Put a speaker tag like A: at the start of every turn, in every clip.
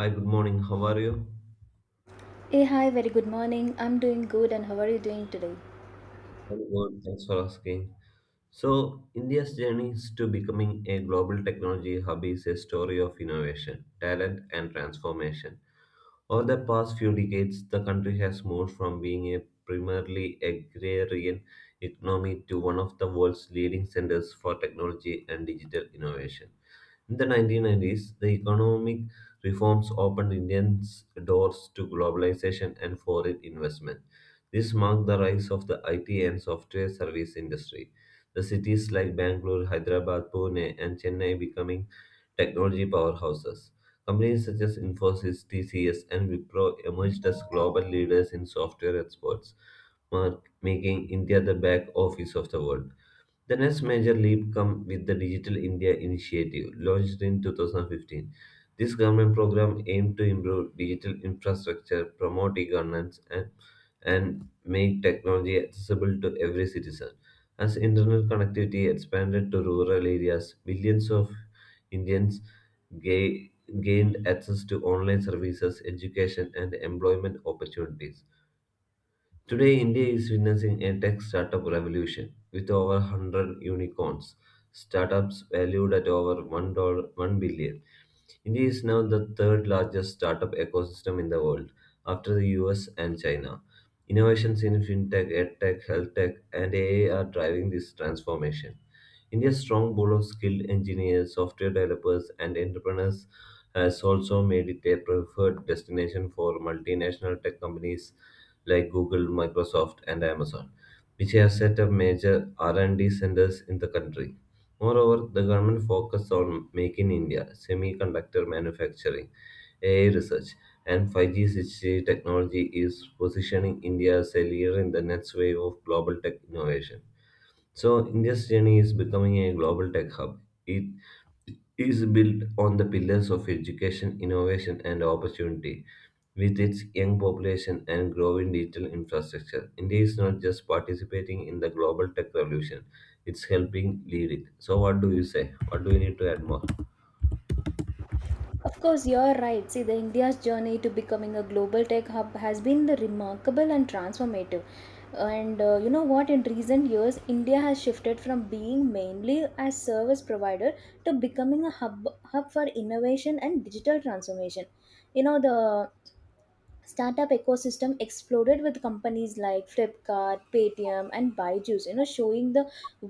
A: Hi, good morning. How are you?
B: Hey, hi, very good morning. I'm doing good, and how are you doing today?
A: I'm good. Thanks for asking. So, India's journey to becoming a global technology hub is a story of innovation, talent, and transformation. Over the past few decades, the country has moved from being a primarily agrarian economy to one of the world's leading centers for technology and digital innovation. In the 1990s, the economic reforms opened Indians' doors to globalization and foreign investment. This marked the rise of the IT and software service industry. The cities like Bangalore, Hyderabad, Pune, and Chennai becoming technology powerhouses. Companies such as Infosys, TCS, and Wipro emerged as global leaders in software exports, making India the back office of the world. The next major leap came with the Digital India Initiative, launched in 2015. This government program aimed to improve digital infrastructure, promote e-governance, and make technology accessible to every citizen. As internet connectivity expanded to rural areas, millions of Indians ga- gained access to online services, education, and employment opportunities. Today, India is witnessing a tech startup revolution with over 100 unicorns, startups valued at over $1 billion. India is now the third largest startup ecosystem in the world, after the US and China. Innovations in fintech, edtech, healthtech, and AI are driving this transformation. India's strong pool of skilled engineers, software developers, and entrepreneurs has also made it a preferred destination for multinational tech companies like Google, Microsoft, and Amazon, which have set up major R&D centers in the country. Moreover, the government focused on making India semiconductor manufacturing, AI research, and 5G 6G technology is positioning India as a leader in the next wave of global tech innovation. So India's journey is becoming a global tech hub. It is built on the pillars of education, innovation, and opportunity. With its young population and growing digital infrastructure, India is not just participating in the global tech revolution, it's helping lead it. So, what do you say? What do we need to add more?
B: Of course, you're right. See, the India's journey to becoming a global tech hub has been the remarkable and transformative. And you know what? In recent years, India has shifted from being mainly a service provider to becoming a hub for innovation and digital transformation. You know the startup ecosystem exploded with companies like Flipkart, Paytm, and Byju's, showing the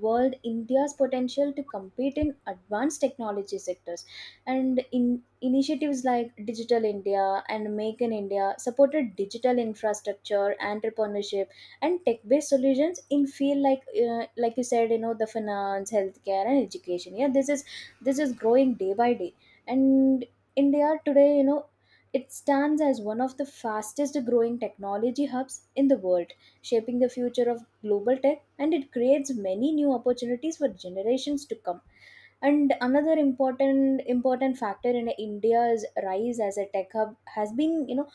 B: world India's potential to compete in advanced technology sectors, and in initiatives like Digital India and Make in India supported digital infrastructure, entrepreneurship, and tech based solutions in field like you said, the finance, healthcare, and education. Yeah, this is growing day by day. And India today, it stands as one of the fastest growing technology hubs in the world, shaping the future of global tech, and it creates many new opportunities for generations to come. And another important factor in India's rise as a tech hub has been,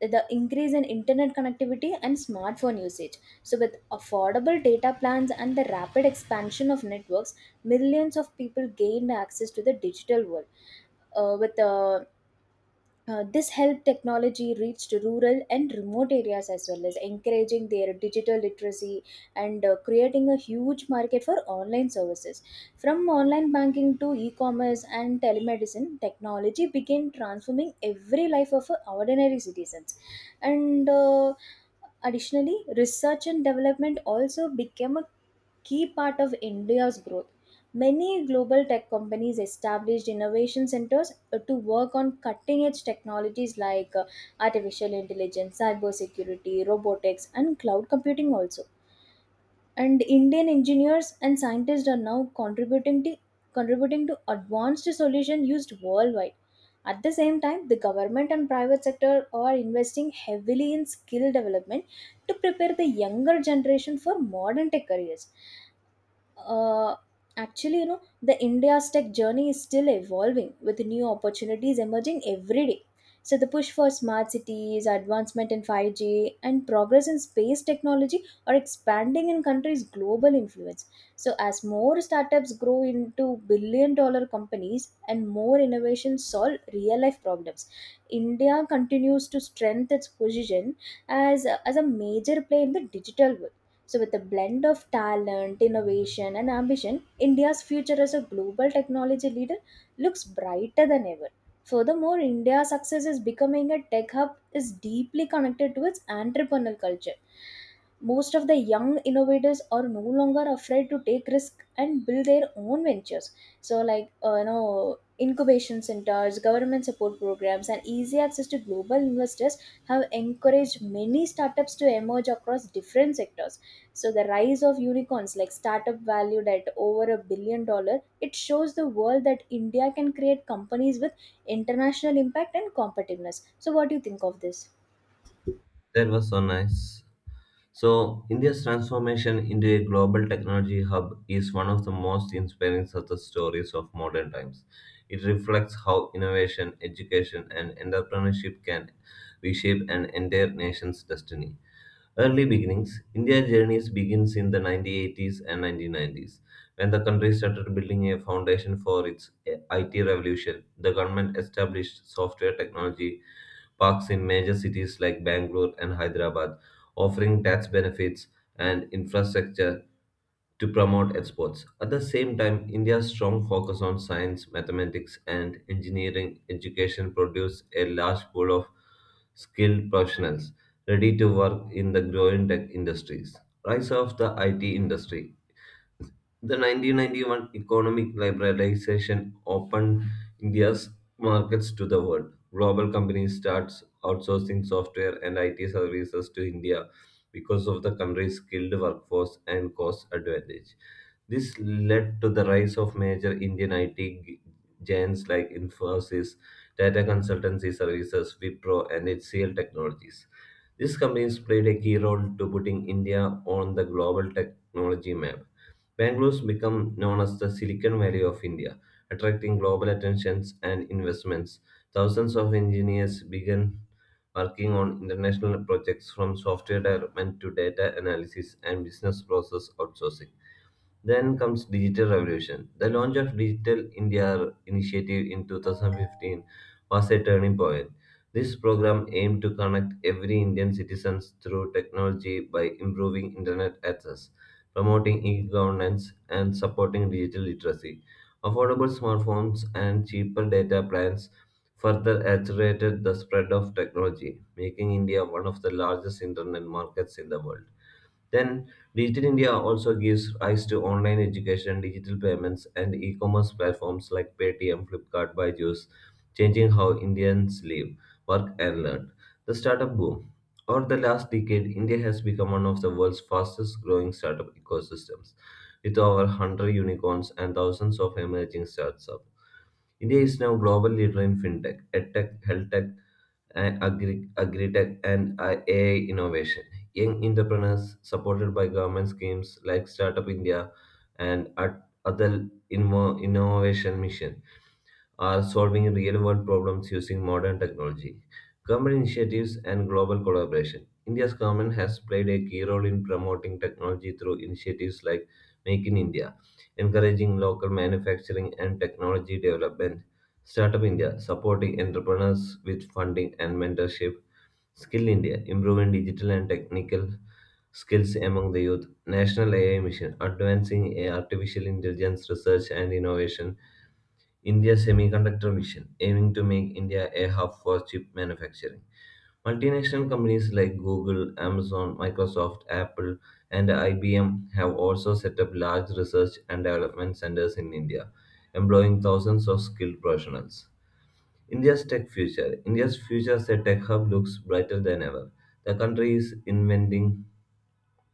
B: the increase in internet connectivity and smartphone usage. So with affordable data plans and the rapid expansion of networks, millions of people gained access to the digital world with the this helped technology reached rural and remote areas as well as encouraging their digital literacy, and creating a huge market for online services. From online banking to e commerce and telemedicine, technology began transforming every life of ordinary citizens. And Additionally, research and development also became a key part of India's growth. Many global tech companies established innovation centers to work on cutting edge technologies like artificial intelligence, cybersecurity, robotics, and cloud computing also. And Indian engineers and scientists are now contributing to advanced solutions used worldwide. At the same time, the government and private sector are investing heavily in skill development to prepare the younger generation for modern tech careers. Uh, actually You know, the India's tech journey is still evolving with new opportunities emerging every day. So the push for smart cities, advancement in 5G, and progress in space technology are expanding in countries global influence. So as more startups grow into $1 billion companies and more innovations solve real life problems, India continues to strengthen its position as a major player in the digital world. So, with a blend of talent, innovation, and ambition, India's future as a global technology leader looks brighter than ever. Furthermore, India's success is becoming a tech hub is deeply connected to its entrepreneurial culture. Most of the young innovators are no longer afraid to take risk and build their own ventures. So, like incubation centers, government support programs, and easy access to global investors have encouraged many startups to emerge across different sectors. So the rise of unicorns like startup valued at over a $1 billion, it shows the world that India can create companies with international impact and competitiveness. So what do you think of this?
A: That was so nice. So, India's transformation into a global technology hub is one of the most inspiring success stories of modern times. It reflects how innovation, education, and entrepreneurship can reshape an entire nation's destiny. Early beginnings India's journey begins in the 1980s and 1990s, when the country started building a foundation for its IT revolution. The government established software technology parks in major cities like Bangalore and Hyderabad, offering tax benefits and infrastructure to promote exports. At the same time, India's strong focus on science, mathematics, and engineering education produced a large pool of skilled professionals ready to work in the growing tech industries. Rise of the IT industry. The 1991 economic liberalization opened India's markets to the world. Global companies starts outsourcing software and IT services to India because of the country's skilled workforce and cost advantage. This led to the rise of major Indian IT giants like Infosys, Tata Consultancy Services, Wipro, and HCL Technologies. These companies played a key role to putting India on the global technology map. Bangalore's become known as the Silicon Valley of India, attracting global attentions and investments. Thousands of engineers began working on international projects from software development to data analysis and business process outsourcing. Then comes digital revolution. The launch of Digital India initiative in 2015 was a turning point. This program aimed to connect every Indian citizen through technology by improving internet access, promoting e-governance and supporting digital literacy. Affordable smartphones and cheaper data plans further accelerated the spread of technology, making India one of the largest internet markets in the world. Then, Digital India also gives rise to online education, digital payments, and e commerce platforms like Paytm, Flipkart, Byju's, changing how Indians live, work, and learn. The startup boom. Over the last decade, India has become one of the world's fastest growing startup ecosystems, with over 100 unicorns and thousands of emerging startups. India is now global leader in fintech, edtech, healthtech, and agri-tech and AI innovation. Young entrepreneurs supported by government schemes like Startup India and other innovation mission are solving real world problems using modern technology. Government initiatives and global collaboration. India's government has played a key role in promoting technology through initiatives like Make in India, encouraging local manufacturing and technology development, Startup India, supporting entrepreneurs with funding and mentorship, Skill India, improving digital and technical skills among the youth, National AI Mission, advancing artificial intelligence research and innovation, India Semiconductor Vision, aiming to make India a hub for chip manufacturing. Multinational companies like Google, Amazon, Microsoft, Apple, and IBM have also set up large research and development centers in India, employing thousands of skilled professionals. India's tech future. India's future as a tech hub looks brighter than ever. The country is inventing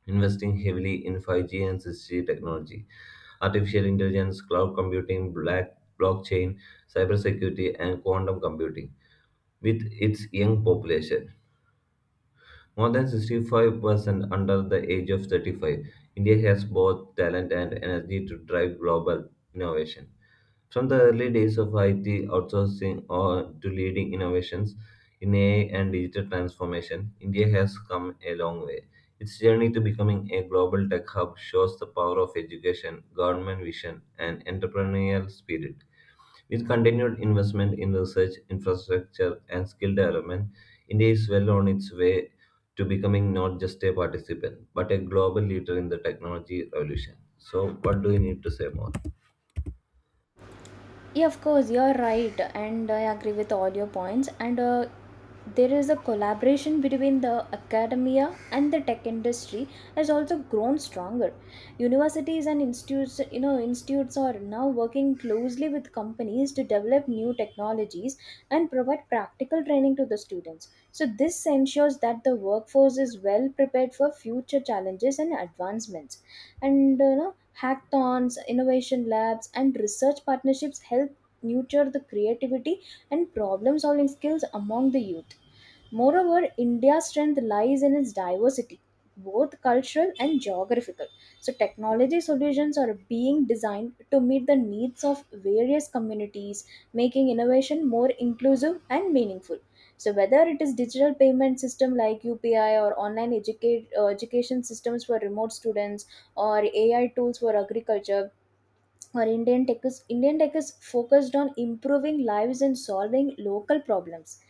A: investing heavily in 5G and 6G technology, artificial intelligence, cloud computing, blockchain, cybersecurity, and quantum computing with its young population. More than 65% under the age of 35, India has both talent and energy to drive global innovation. From the early days of IT outsourcing or to leading innovations in AI and digital transformation, India has come a long way. Its journey to becoming a global tech hub shows the power of education, government vision, and entrepreneurial spirit. With continued investment in research, infrastructure, and skill development, India is well on its way to becoming not just a participant, but a global leader in the technology revolution. So, what do you need to say more?
B: Yeah, of course, you're right, and I agree with all your points. And There is a collaboration between the academia and the tech industry has also grown stronger. Universities and institutes, are now working closely with companies to develop new technologies and provide practical training to the students. So this ensures that the workforce is well prepared for future challenges and advancements. And uh, you know, Hackathons, innovation labs, and research partnerships help nurture the creativity and problem solving skills among the youth. Moreover, India's strength lies in its diversity, both cultural and geographical. So, technology solutions are being designed to meet the needs of various communities, making innovation more inclusive and meaningful. So, whether it is digital payment system like UPI or education systems for remote students, or AI tools for agriculture, or Indian tech is focused on improving lives and solving local problems.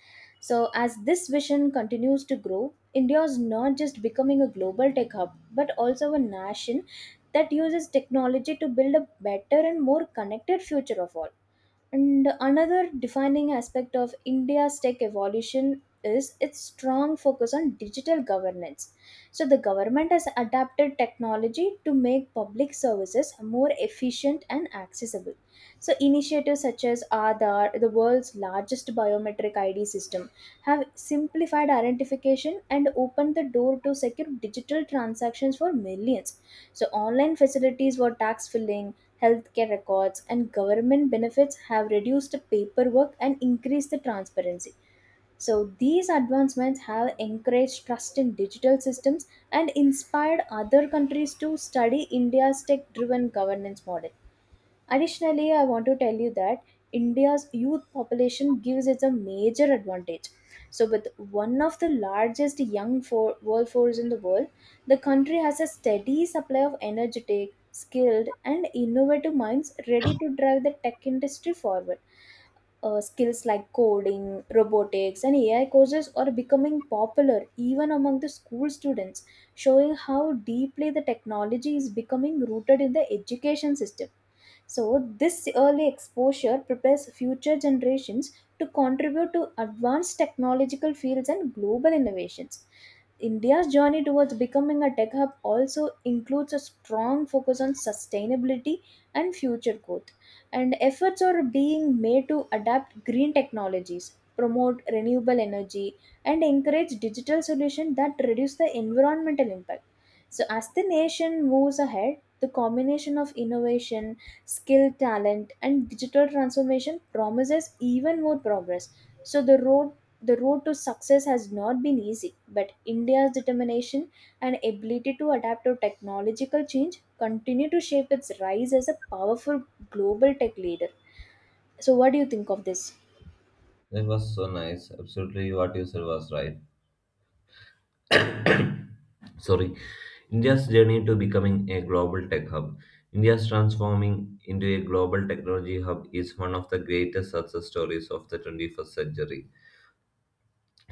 B: So as this vision continues to grow, India is not just becoming a global tech hub but also a nation that uses technology to build a better and more connected future of all. And another defining aspect of India's tech evolution is its strong focus on digital governance. So, the government has adapted technology to make public services more efficient and accessible. So, initiatives such as Aadhaar, the world's largest biometric ID system, have simplified identification and opened the door to secure digital transactions for millions. So, online facilities for tax filing, healthcare records, and government benefits have reduced the paperwork and increased the transparency. So, these advancements have encouraged trust in digital systems and inspired other countries to study India's tech driven governance model. Additionally, I want to tell you that India's youth population gives it a major advantage. So, with one of the largest workforce in the world, the country has a steady supply of energetic, skilled, and innovative minds ready to drive the tech industry forward. Skills like coding, robotics, and AI courses are becoming popular even among the school students, showing how deeply the technology is becoming rooted in the education system. So, this early exposure prepares future generations to contribute to advanced technological fields and global innovations. India's journey towards becoming a tech hub also includes a strong focus on sustainability and future growth, and efforts are being made to adapt green technologies, promote renewable energy, and encourage digital solutions that reduce the environmental impact. So, as the nation moves ahead, the combination of innovation, skill, talent, and digital transformation promises even more progress. So the road to success has not been easy, but India's determination and ability to adapt to technological change continue to shape its rise as a powerful global tech leader. So what do you think of this?
A: That was so nice. Absolutely, what you said was right. Sorry. India's journey to becoming a global tech hub. India's transforming into a global technology hub is one of the greatest success stories of the 21st century.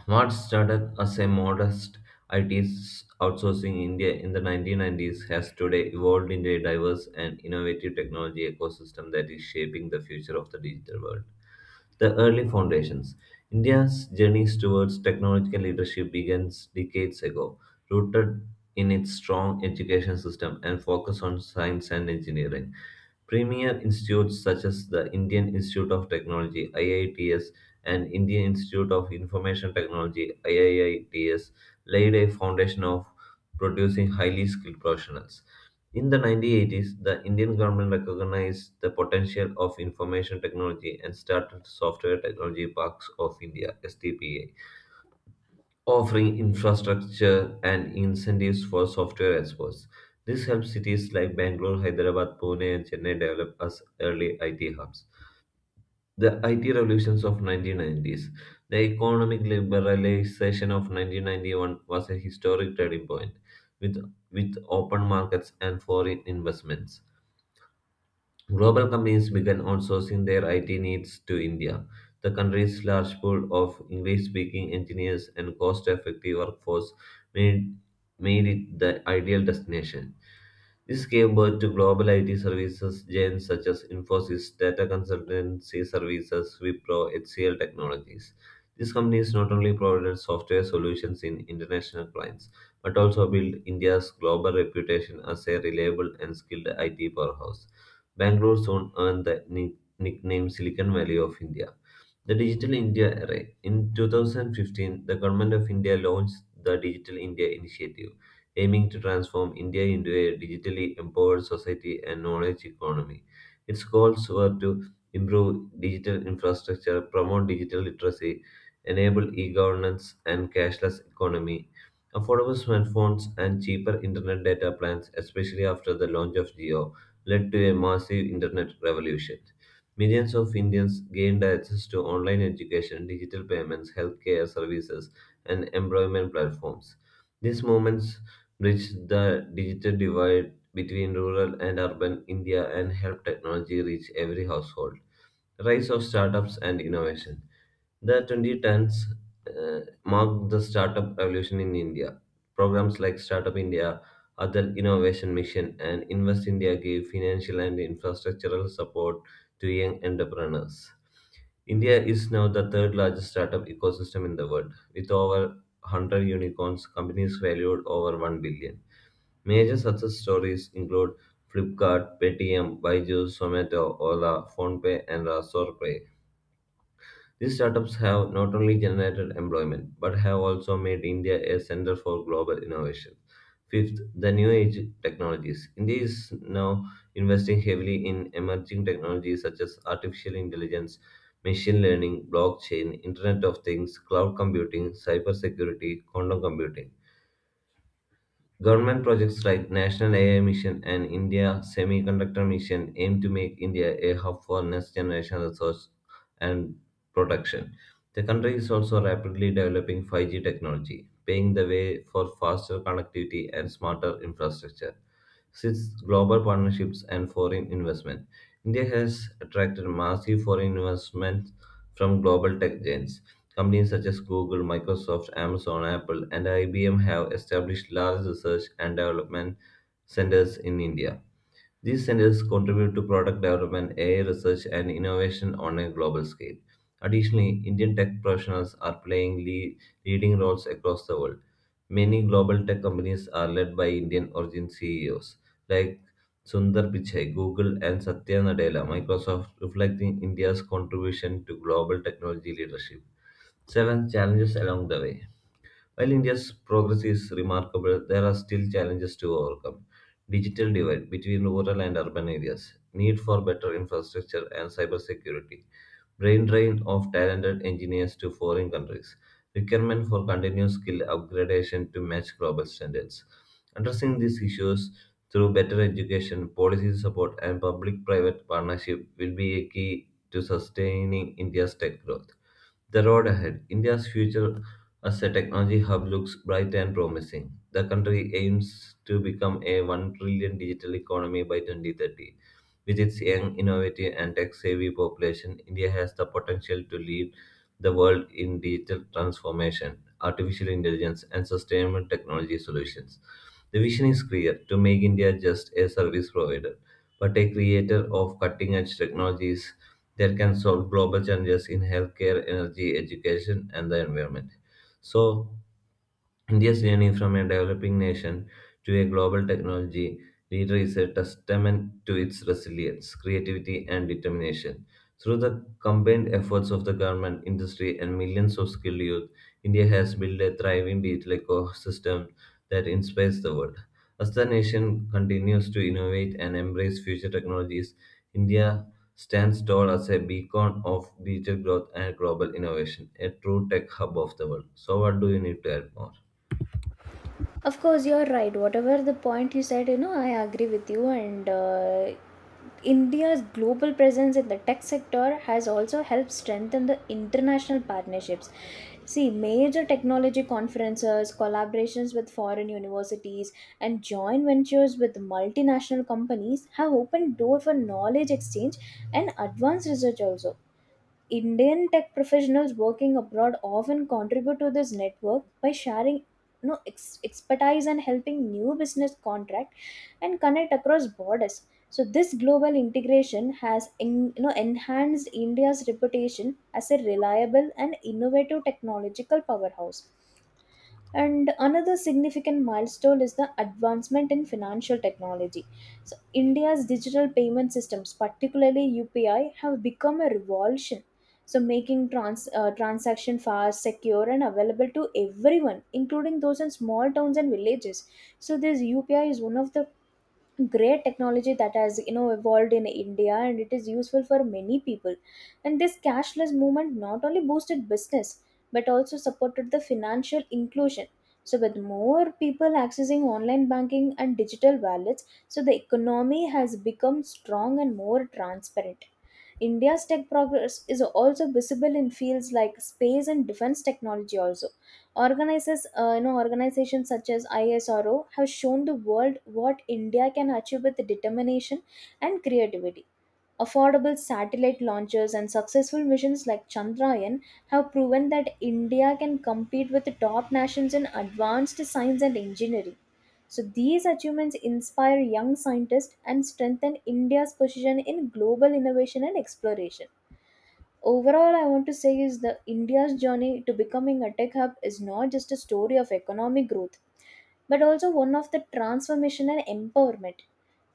A: What started as a modest ITs outsourcing in India in the 1990s has today evolved into a diverse and innovative technology ecosystem that is shaping the future of the digital world. The early foundations. India's journey towards technological leadership begins decades ago, rooted in its strong education system and focus on science and engineering. Premier institutes such as the Indian Institute of Technology (IITS) and Indian Institute of Information Technology (IIITS) laid a foundation of producing highly skilled professionals. In the 1980s, the Indian government recognized the potential of information technology and started Software Technology Parks of India (STPA) offering infrastructure and incentives for software experts. This helps cities like Bangalore, Hyderabad, Pune, and Chennai develop as early IT hubs. The IT revolutions of 1990s. The economic liberalization of 1991 was a historic turning point with, with open markets and foreign investments. Global companies began outsourcing their IT needs to India, the country's large pool of English speaking engineers and cost effective workforce made, made it the ideal destination. This gave birth to global IT services giants such as Infosys, data consultancy services, Wipro, HCL Technologies. These companies not only provided software solutions in international clients, but also built India's global reputation as a reliable and skilled IT powerhouse. Bangalore soon earned the nickname "Silicon Valley of India". The Digital India Array. In 2015, the Government of India launched the Digital India Initiative, aiming to transform India into a digitally empowered society and knowledge economy. Its goals were to improve digital infrastructure, promote digital literacy, enable e-governance and cashless economy, affordable smartphones and cheaper internet data plans, especially after the launch of Geo, led to a massive internet revolution. Millions of Indians gained access to online education, digital payments, healthcare services, and employment platforms. These movements bridged the digital divide between rural and urban India and helped technology reach every household. Rise of startups and innovation. The 2010s marked the startup revolution in India. Programs like Startup India, Adal Innovation Mission, and Invest India gave financial and infrastructural support to young entrepreneurs. India is now the third largest startup ecosystem in the world, with over 100 unicorns, companies valued over 1 billion. Major success stories include Flipkart, Paytm, Byju's, Zomato, Ola, PhonePe, and Razorpay. These startups have not only generated employment, but have also made India a center for global innovation. Fifth, the new age technologies. India is now investing heavily in emerging technologies such as artificial intelligence, machine learning, blockchain, Internet of Things, cloud computing, cybersecurity, quantum computing. Government projects like National AI Mission and India Semiconductor Mission aim to make India a hub for next generation research and production. The country is also rapidly developing 5G technology, paving the way for faster connectivity and smarter infrastructure. Since global partnerships and foreign investment, India has attracted massive foreign investment from global tech giants. Companies such as Google, Microsoft, Amazon, Apple, and IBM have established large research and development centers in India. These centers contribute to product development, AI research, and innovation on a global scale. Additionally, Indian tech professionals are playing leading roles across the world. Many global tech companies are led by Indian origin CEOs like Sundar Pichai, Google, and Satya Nadella, Microsoft, reflecting India's contribution to global technology leadership. Seven challenges along the way. While India's progress is remarkable, there are still challenges to overcome. Digital divide between rural and urban areas, need for better infrastructure and cybersecurity, brain drain of talented engineers to foreign countries, requirement for continuous skill upgradation to match global standards. Addressing these issues through better education, policy support, and public private partnership will be a key to sustaining India's tech growth. The road ahead. India's future as a technology hub looks bright and promising. The country aims to become a 1 trillion digital economy by 2030 with its young, innovative, and tech savvy population, India has the potential to lead the world in digital transformation, artificial intelligence, and sustainable technology solutions. The vision is clear to make India just a service provider, but a creator of cutting edge technologies that can solve global challenges in healthcare, energy, education, and the environment. So, India's journey from a developing nation to a global technology leader is a testament to its resilience, creativity, and determination. Through the combined efforts of the government, industry, and millions of skilled youth, India has built a thriving digital ecosystem that inspires the world. As the nation continues to innovate and embrace future technologies, India stands tall as a beacon of digital growth and global innovation, a true tech hub of the world. So, what do you need to add more?
B: Of course, you're right. Whatever the point you said, I agree with you, and India's global presence in the tech sector has also helped strengthen the international partnerships. See, major technology conferences, collaborations with foreign universities, and joint ventures with multinational companies have opened door for knowledge exchange and advanced research also. Indian tech professionals working abroad often contribute to this network by sharing expertise and helping new business contract and connect across borders. So this global integration has enhanced India's reputation as a reliable and innovative technological powerhouse. And another significant milestone is the advancement in financial technology. So India's digital payment systems, particularly UPI, have become a revolution, so making transaction fast, secure, and available to everyone, including those in small towns and villages. So this UPI is one of the great technology that has, evolved in India, and it is useful for many people. And this cashless movement not only boosted business but also supported the financial inclusion. So with more people accessing online banking and digital wallets, so the economy has become strong and more transparent. India's tech progress is also visible in fields like space and defense technology also. Organizations such as ISRO have shown the world what India can achieve with determination and creativity. Affordable satellite launches and successful missions like Chandrayaan have proven that India can compete with the top nations in advanced science and engineering. So, these achievements inspire young scientists and strengthen India's position in global innovation and exploration. Overall, I want to say is the India's journey to becoming a tech hub is not just a story of economic growth but also one of the transformation and empowerment.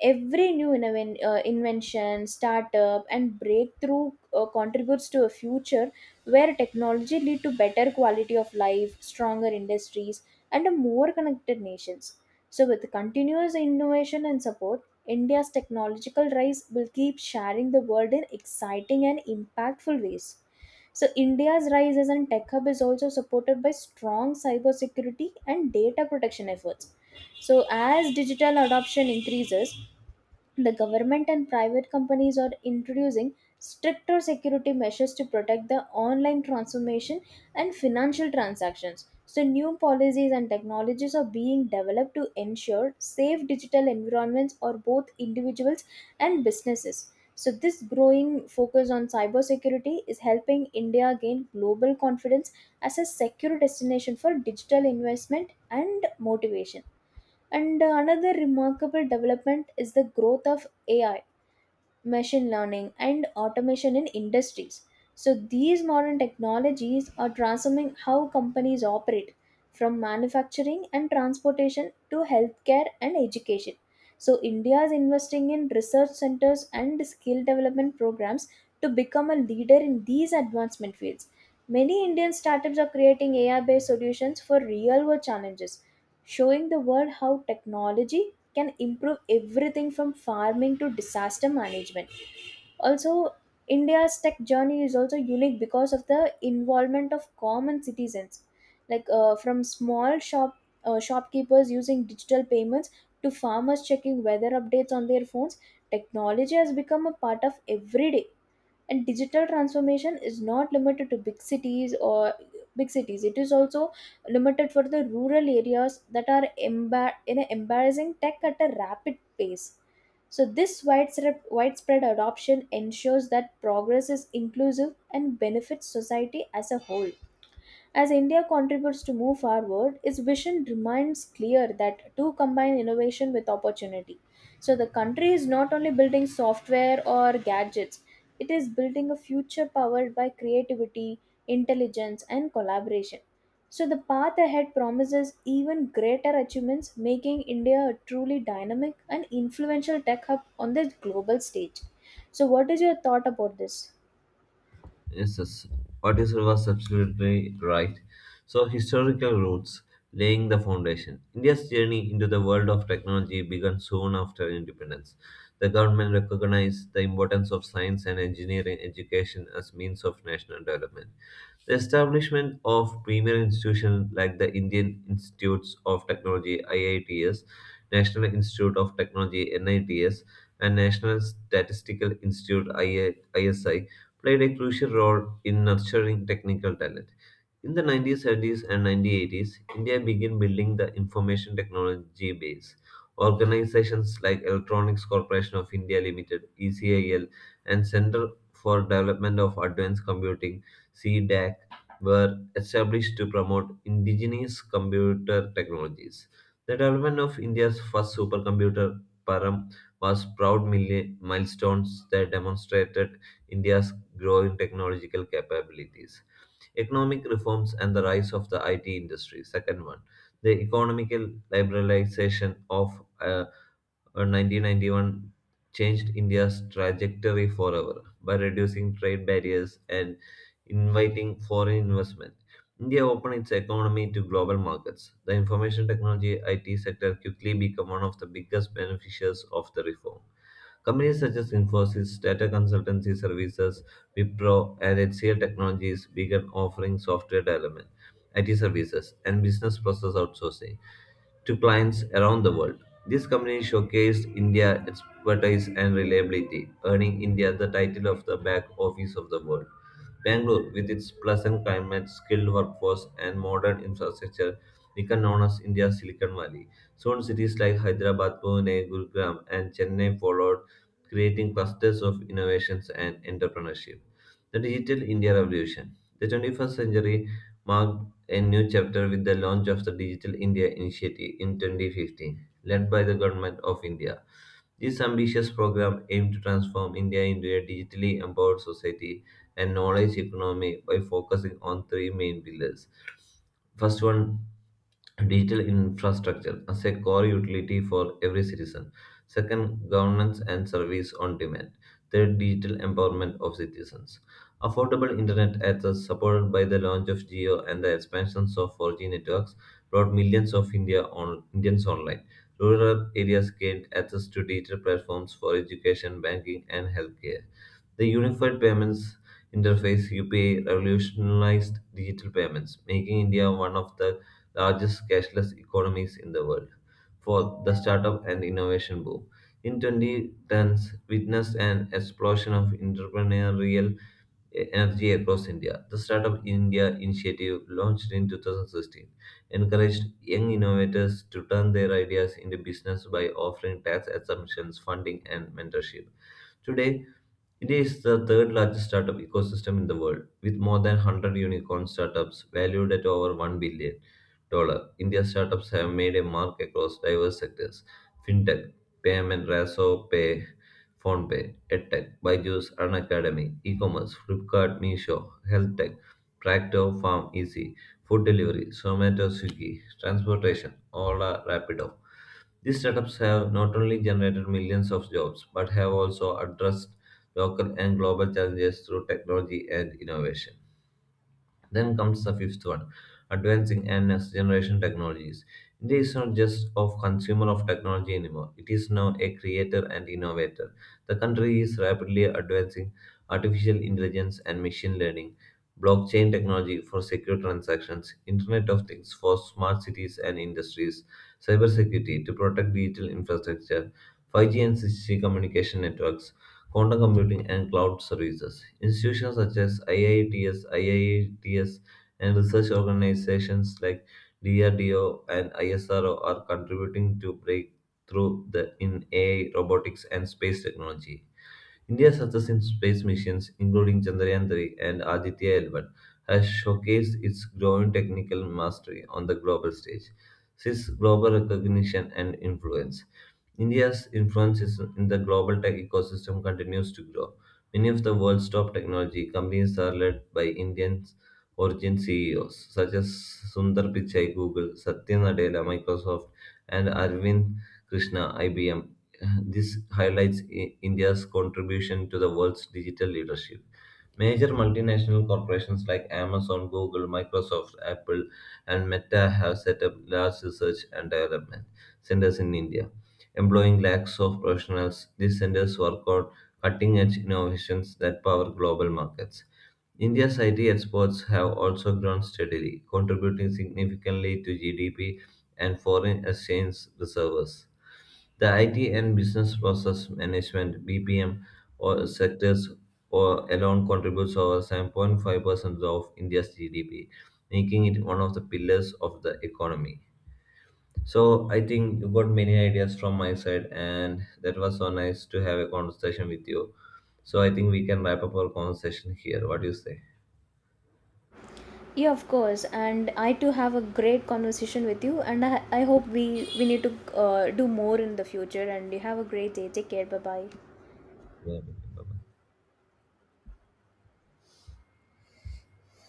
B: Every new invention, startup, and breakthrough contributes to a future where technology lead to better quality of life, stronger industries, and a more connected nations. So, with continuous innovation and support, India's technological rise will keep sharing the world in exciting and impactful ways. So, India's rise as a tech hub is also supported by strong cybersecurity and data protection efforts. So, as digital adoption increases, the government and private companies are introducing stricter security measures to protect the online transformation and financial transactions. So, new policies and technologies are being developed to ensure safe digital environments for both individuals and businesses. So, this growing focus on cybersecurity is helping India gain global confidence as a secure destination for digital investment and motivation. And Another remarkable development is the growth of AI, machine learning, and automation in industries. So, these modern technologies are transforming how companies operate from manufacturing and transportation to healthcare and education. So, India is investing in research centers and skill development programs to become a leader in these advancement fields. Many Indian startups are creating AI based solutions for real world challenges, showing the world how technology can improve everything from farming to disaster management. Also, India's tech journey is also unique because of the involvement of common citizens, like from small shopkeepers using digital payments to farmers checking weather updates on their phones. Technology has become a part of everyday, and digital transformation is not limited to big cities, or big cities it is also limited for the rural areas that are embar- in a embarrassing tech at a rapid pace. So this widespread adoption ensures that progress is inclusive and benefits society as a whole. As India contributes to move forward, its vision remains clear that to combine innovation with opportunity. So the country is not only building software or gadgets, it is building a future powered by creativity, intelligence, and collaboration. So the path ahead promises even greater achievements, making India a truly dynamic and influential tech hub on the global stage. So, what is your thought about this?
A: Yes, yes. What you said was absolutely right. So, historical roots laying the foundation. India's journey into the world of technology began soon after independence. The government recognized the importance of science and engineering education as means of national development. The establishment of premier institutions like the Indian Institutes of Technology (IITs), National Institute of Technology (NITs), and National Statistical Institute (ISI) played a crucial role in nurturing technical talent. In the 1970s and 1980s, India began building the information technology base. Organizations like Electronics Corporation of India Limited (ECIL) and Center for Development of Advanced Computing (CDAC) were established to promote indigenous computer technologies. The development of India's first supercomputer, Param, was proud milestones that demonstrated India's growing technological capabilities. Economic reforms and the rise of the IT industry. Second one, the economical liberalization of uh, 1991 changed India's trajectory forever by reducing trade barriers and inviting foreign investment. India opened its economy to global markets. The information technology IT sector quickly became one of the biggest beneficiaries of the reform. Companies such as Infosys, Data Consultancy Services, Wipro, and HCL Technologies began offering software development, IT services, and business process outsourcing to clients around the world. This company showcased India's expertise and reliability, earning India the title of the back office of the world. Bangalore, with its pleasant climate, skilled workforce, and modern infrastructure, became known as India's Silicon Valley. Soon, cities like Hyderabad, Pune, Gurugram, and Chennai followed, creating clusters of innovations and entrepreneurship. The Digital India Revolution. The 21st century marked a new chapter with the launch of the Digital India Initiative in 2015, led by the Government of India. This ambitious program aimed to transform India into a digitally empowered society and knowledge economy by focusing on three main pillars. First one, digital infrastructure as a core utility for every citizen. Second, governance and service on demand. Third, digital empowerment of citizens. Affordable internet access supported by the launch of Geo and the expansions of 4G networks brought millions of Indians online. Rural areas gained access to digital platforms for education, banking, and healthcare. The Unified Payments Interface (UPI) revolutionized digital payments, making India one of the largest cashless economies in the world. For the startup and innovation boom, in 2010s witnessed an explosion of entrepreneurial energy across India. The Startup India initiative, launched in 2016, encouraged young innovators to turn their ideas into business by offering tax exemptions, funding, and mentorship. Today, it is the third largest startup ecosystem in the world, with more than 100 unicorn startups valued at over $1 billion dollars. India startups have made a mark across diverse sectors fintech, payment, Raso Pay, PhonePe, edtech, Byju's, An Academy, e commerce, Flipkart, Meesho, health tech, Tractor, Farm Easy, food delivery, Zomato, Swiggy, transportation, Ola, are Rapido. These startups have not only generated millions of jobs, but have also addressed local and global challenges through technology and innovation. Then comes the fifth one, advancing and next generation technologies. India is not just of consumer of technology anymore. It is now a creator and innovator. The country is rapidly advancing artificial intelligence and machine learning, blockchain technology for secure transactions, Internet of Things for smart cities and industries, cybersecurity to protect digital infrastructure, 5G and 6G communication networks, quantum computing, and cloud services. Institutions such as IITS, and research organizations like DRDO and ISRO are contributing to breakthrough in AI, robotics, and space technology. India's success in space missions, including Chandrayaan 3 and Aditya L1, has showcased its growing technical mastery on the global stage. Since global recognition and influence, India's influence in the global tech ecosystem continues to grow. Many of the world's top technology companies are led by Indian origin CEOs such as Sundar Pichai, Google, Satya Nadella, Microsoft, and Arvind Krishna, IBM. This highlights India's contribution to the world's digital leadership. Major multinational corporations like Amazon, Google, Microsoft, Apple, and Meta have set up large research and development centers in India, employing lakhs of professionals. These centers work on cutting edge innovations that power global markets. India's IT exports have also grown steadily, contributing significantly to GDP and foreign exchange reserves. The IT and business process management (BPM) or sectors or alone contributes over 7.5% of India's GDP, making it one of the pillars of the economy. So I think you got many ideas from my side, and that was so nice to have a conversation with you. So I think we can wrap up our conversation here. What do you say?
B: Yeah, of course. And I, too have a great conversation with you. And I hope we need to do more in the future. And you have a great day. Take care. Bye bye.
A: Yeah, bye bye.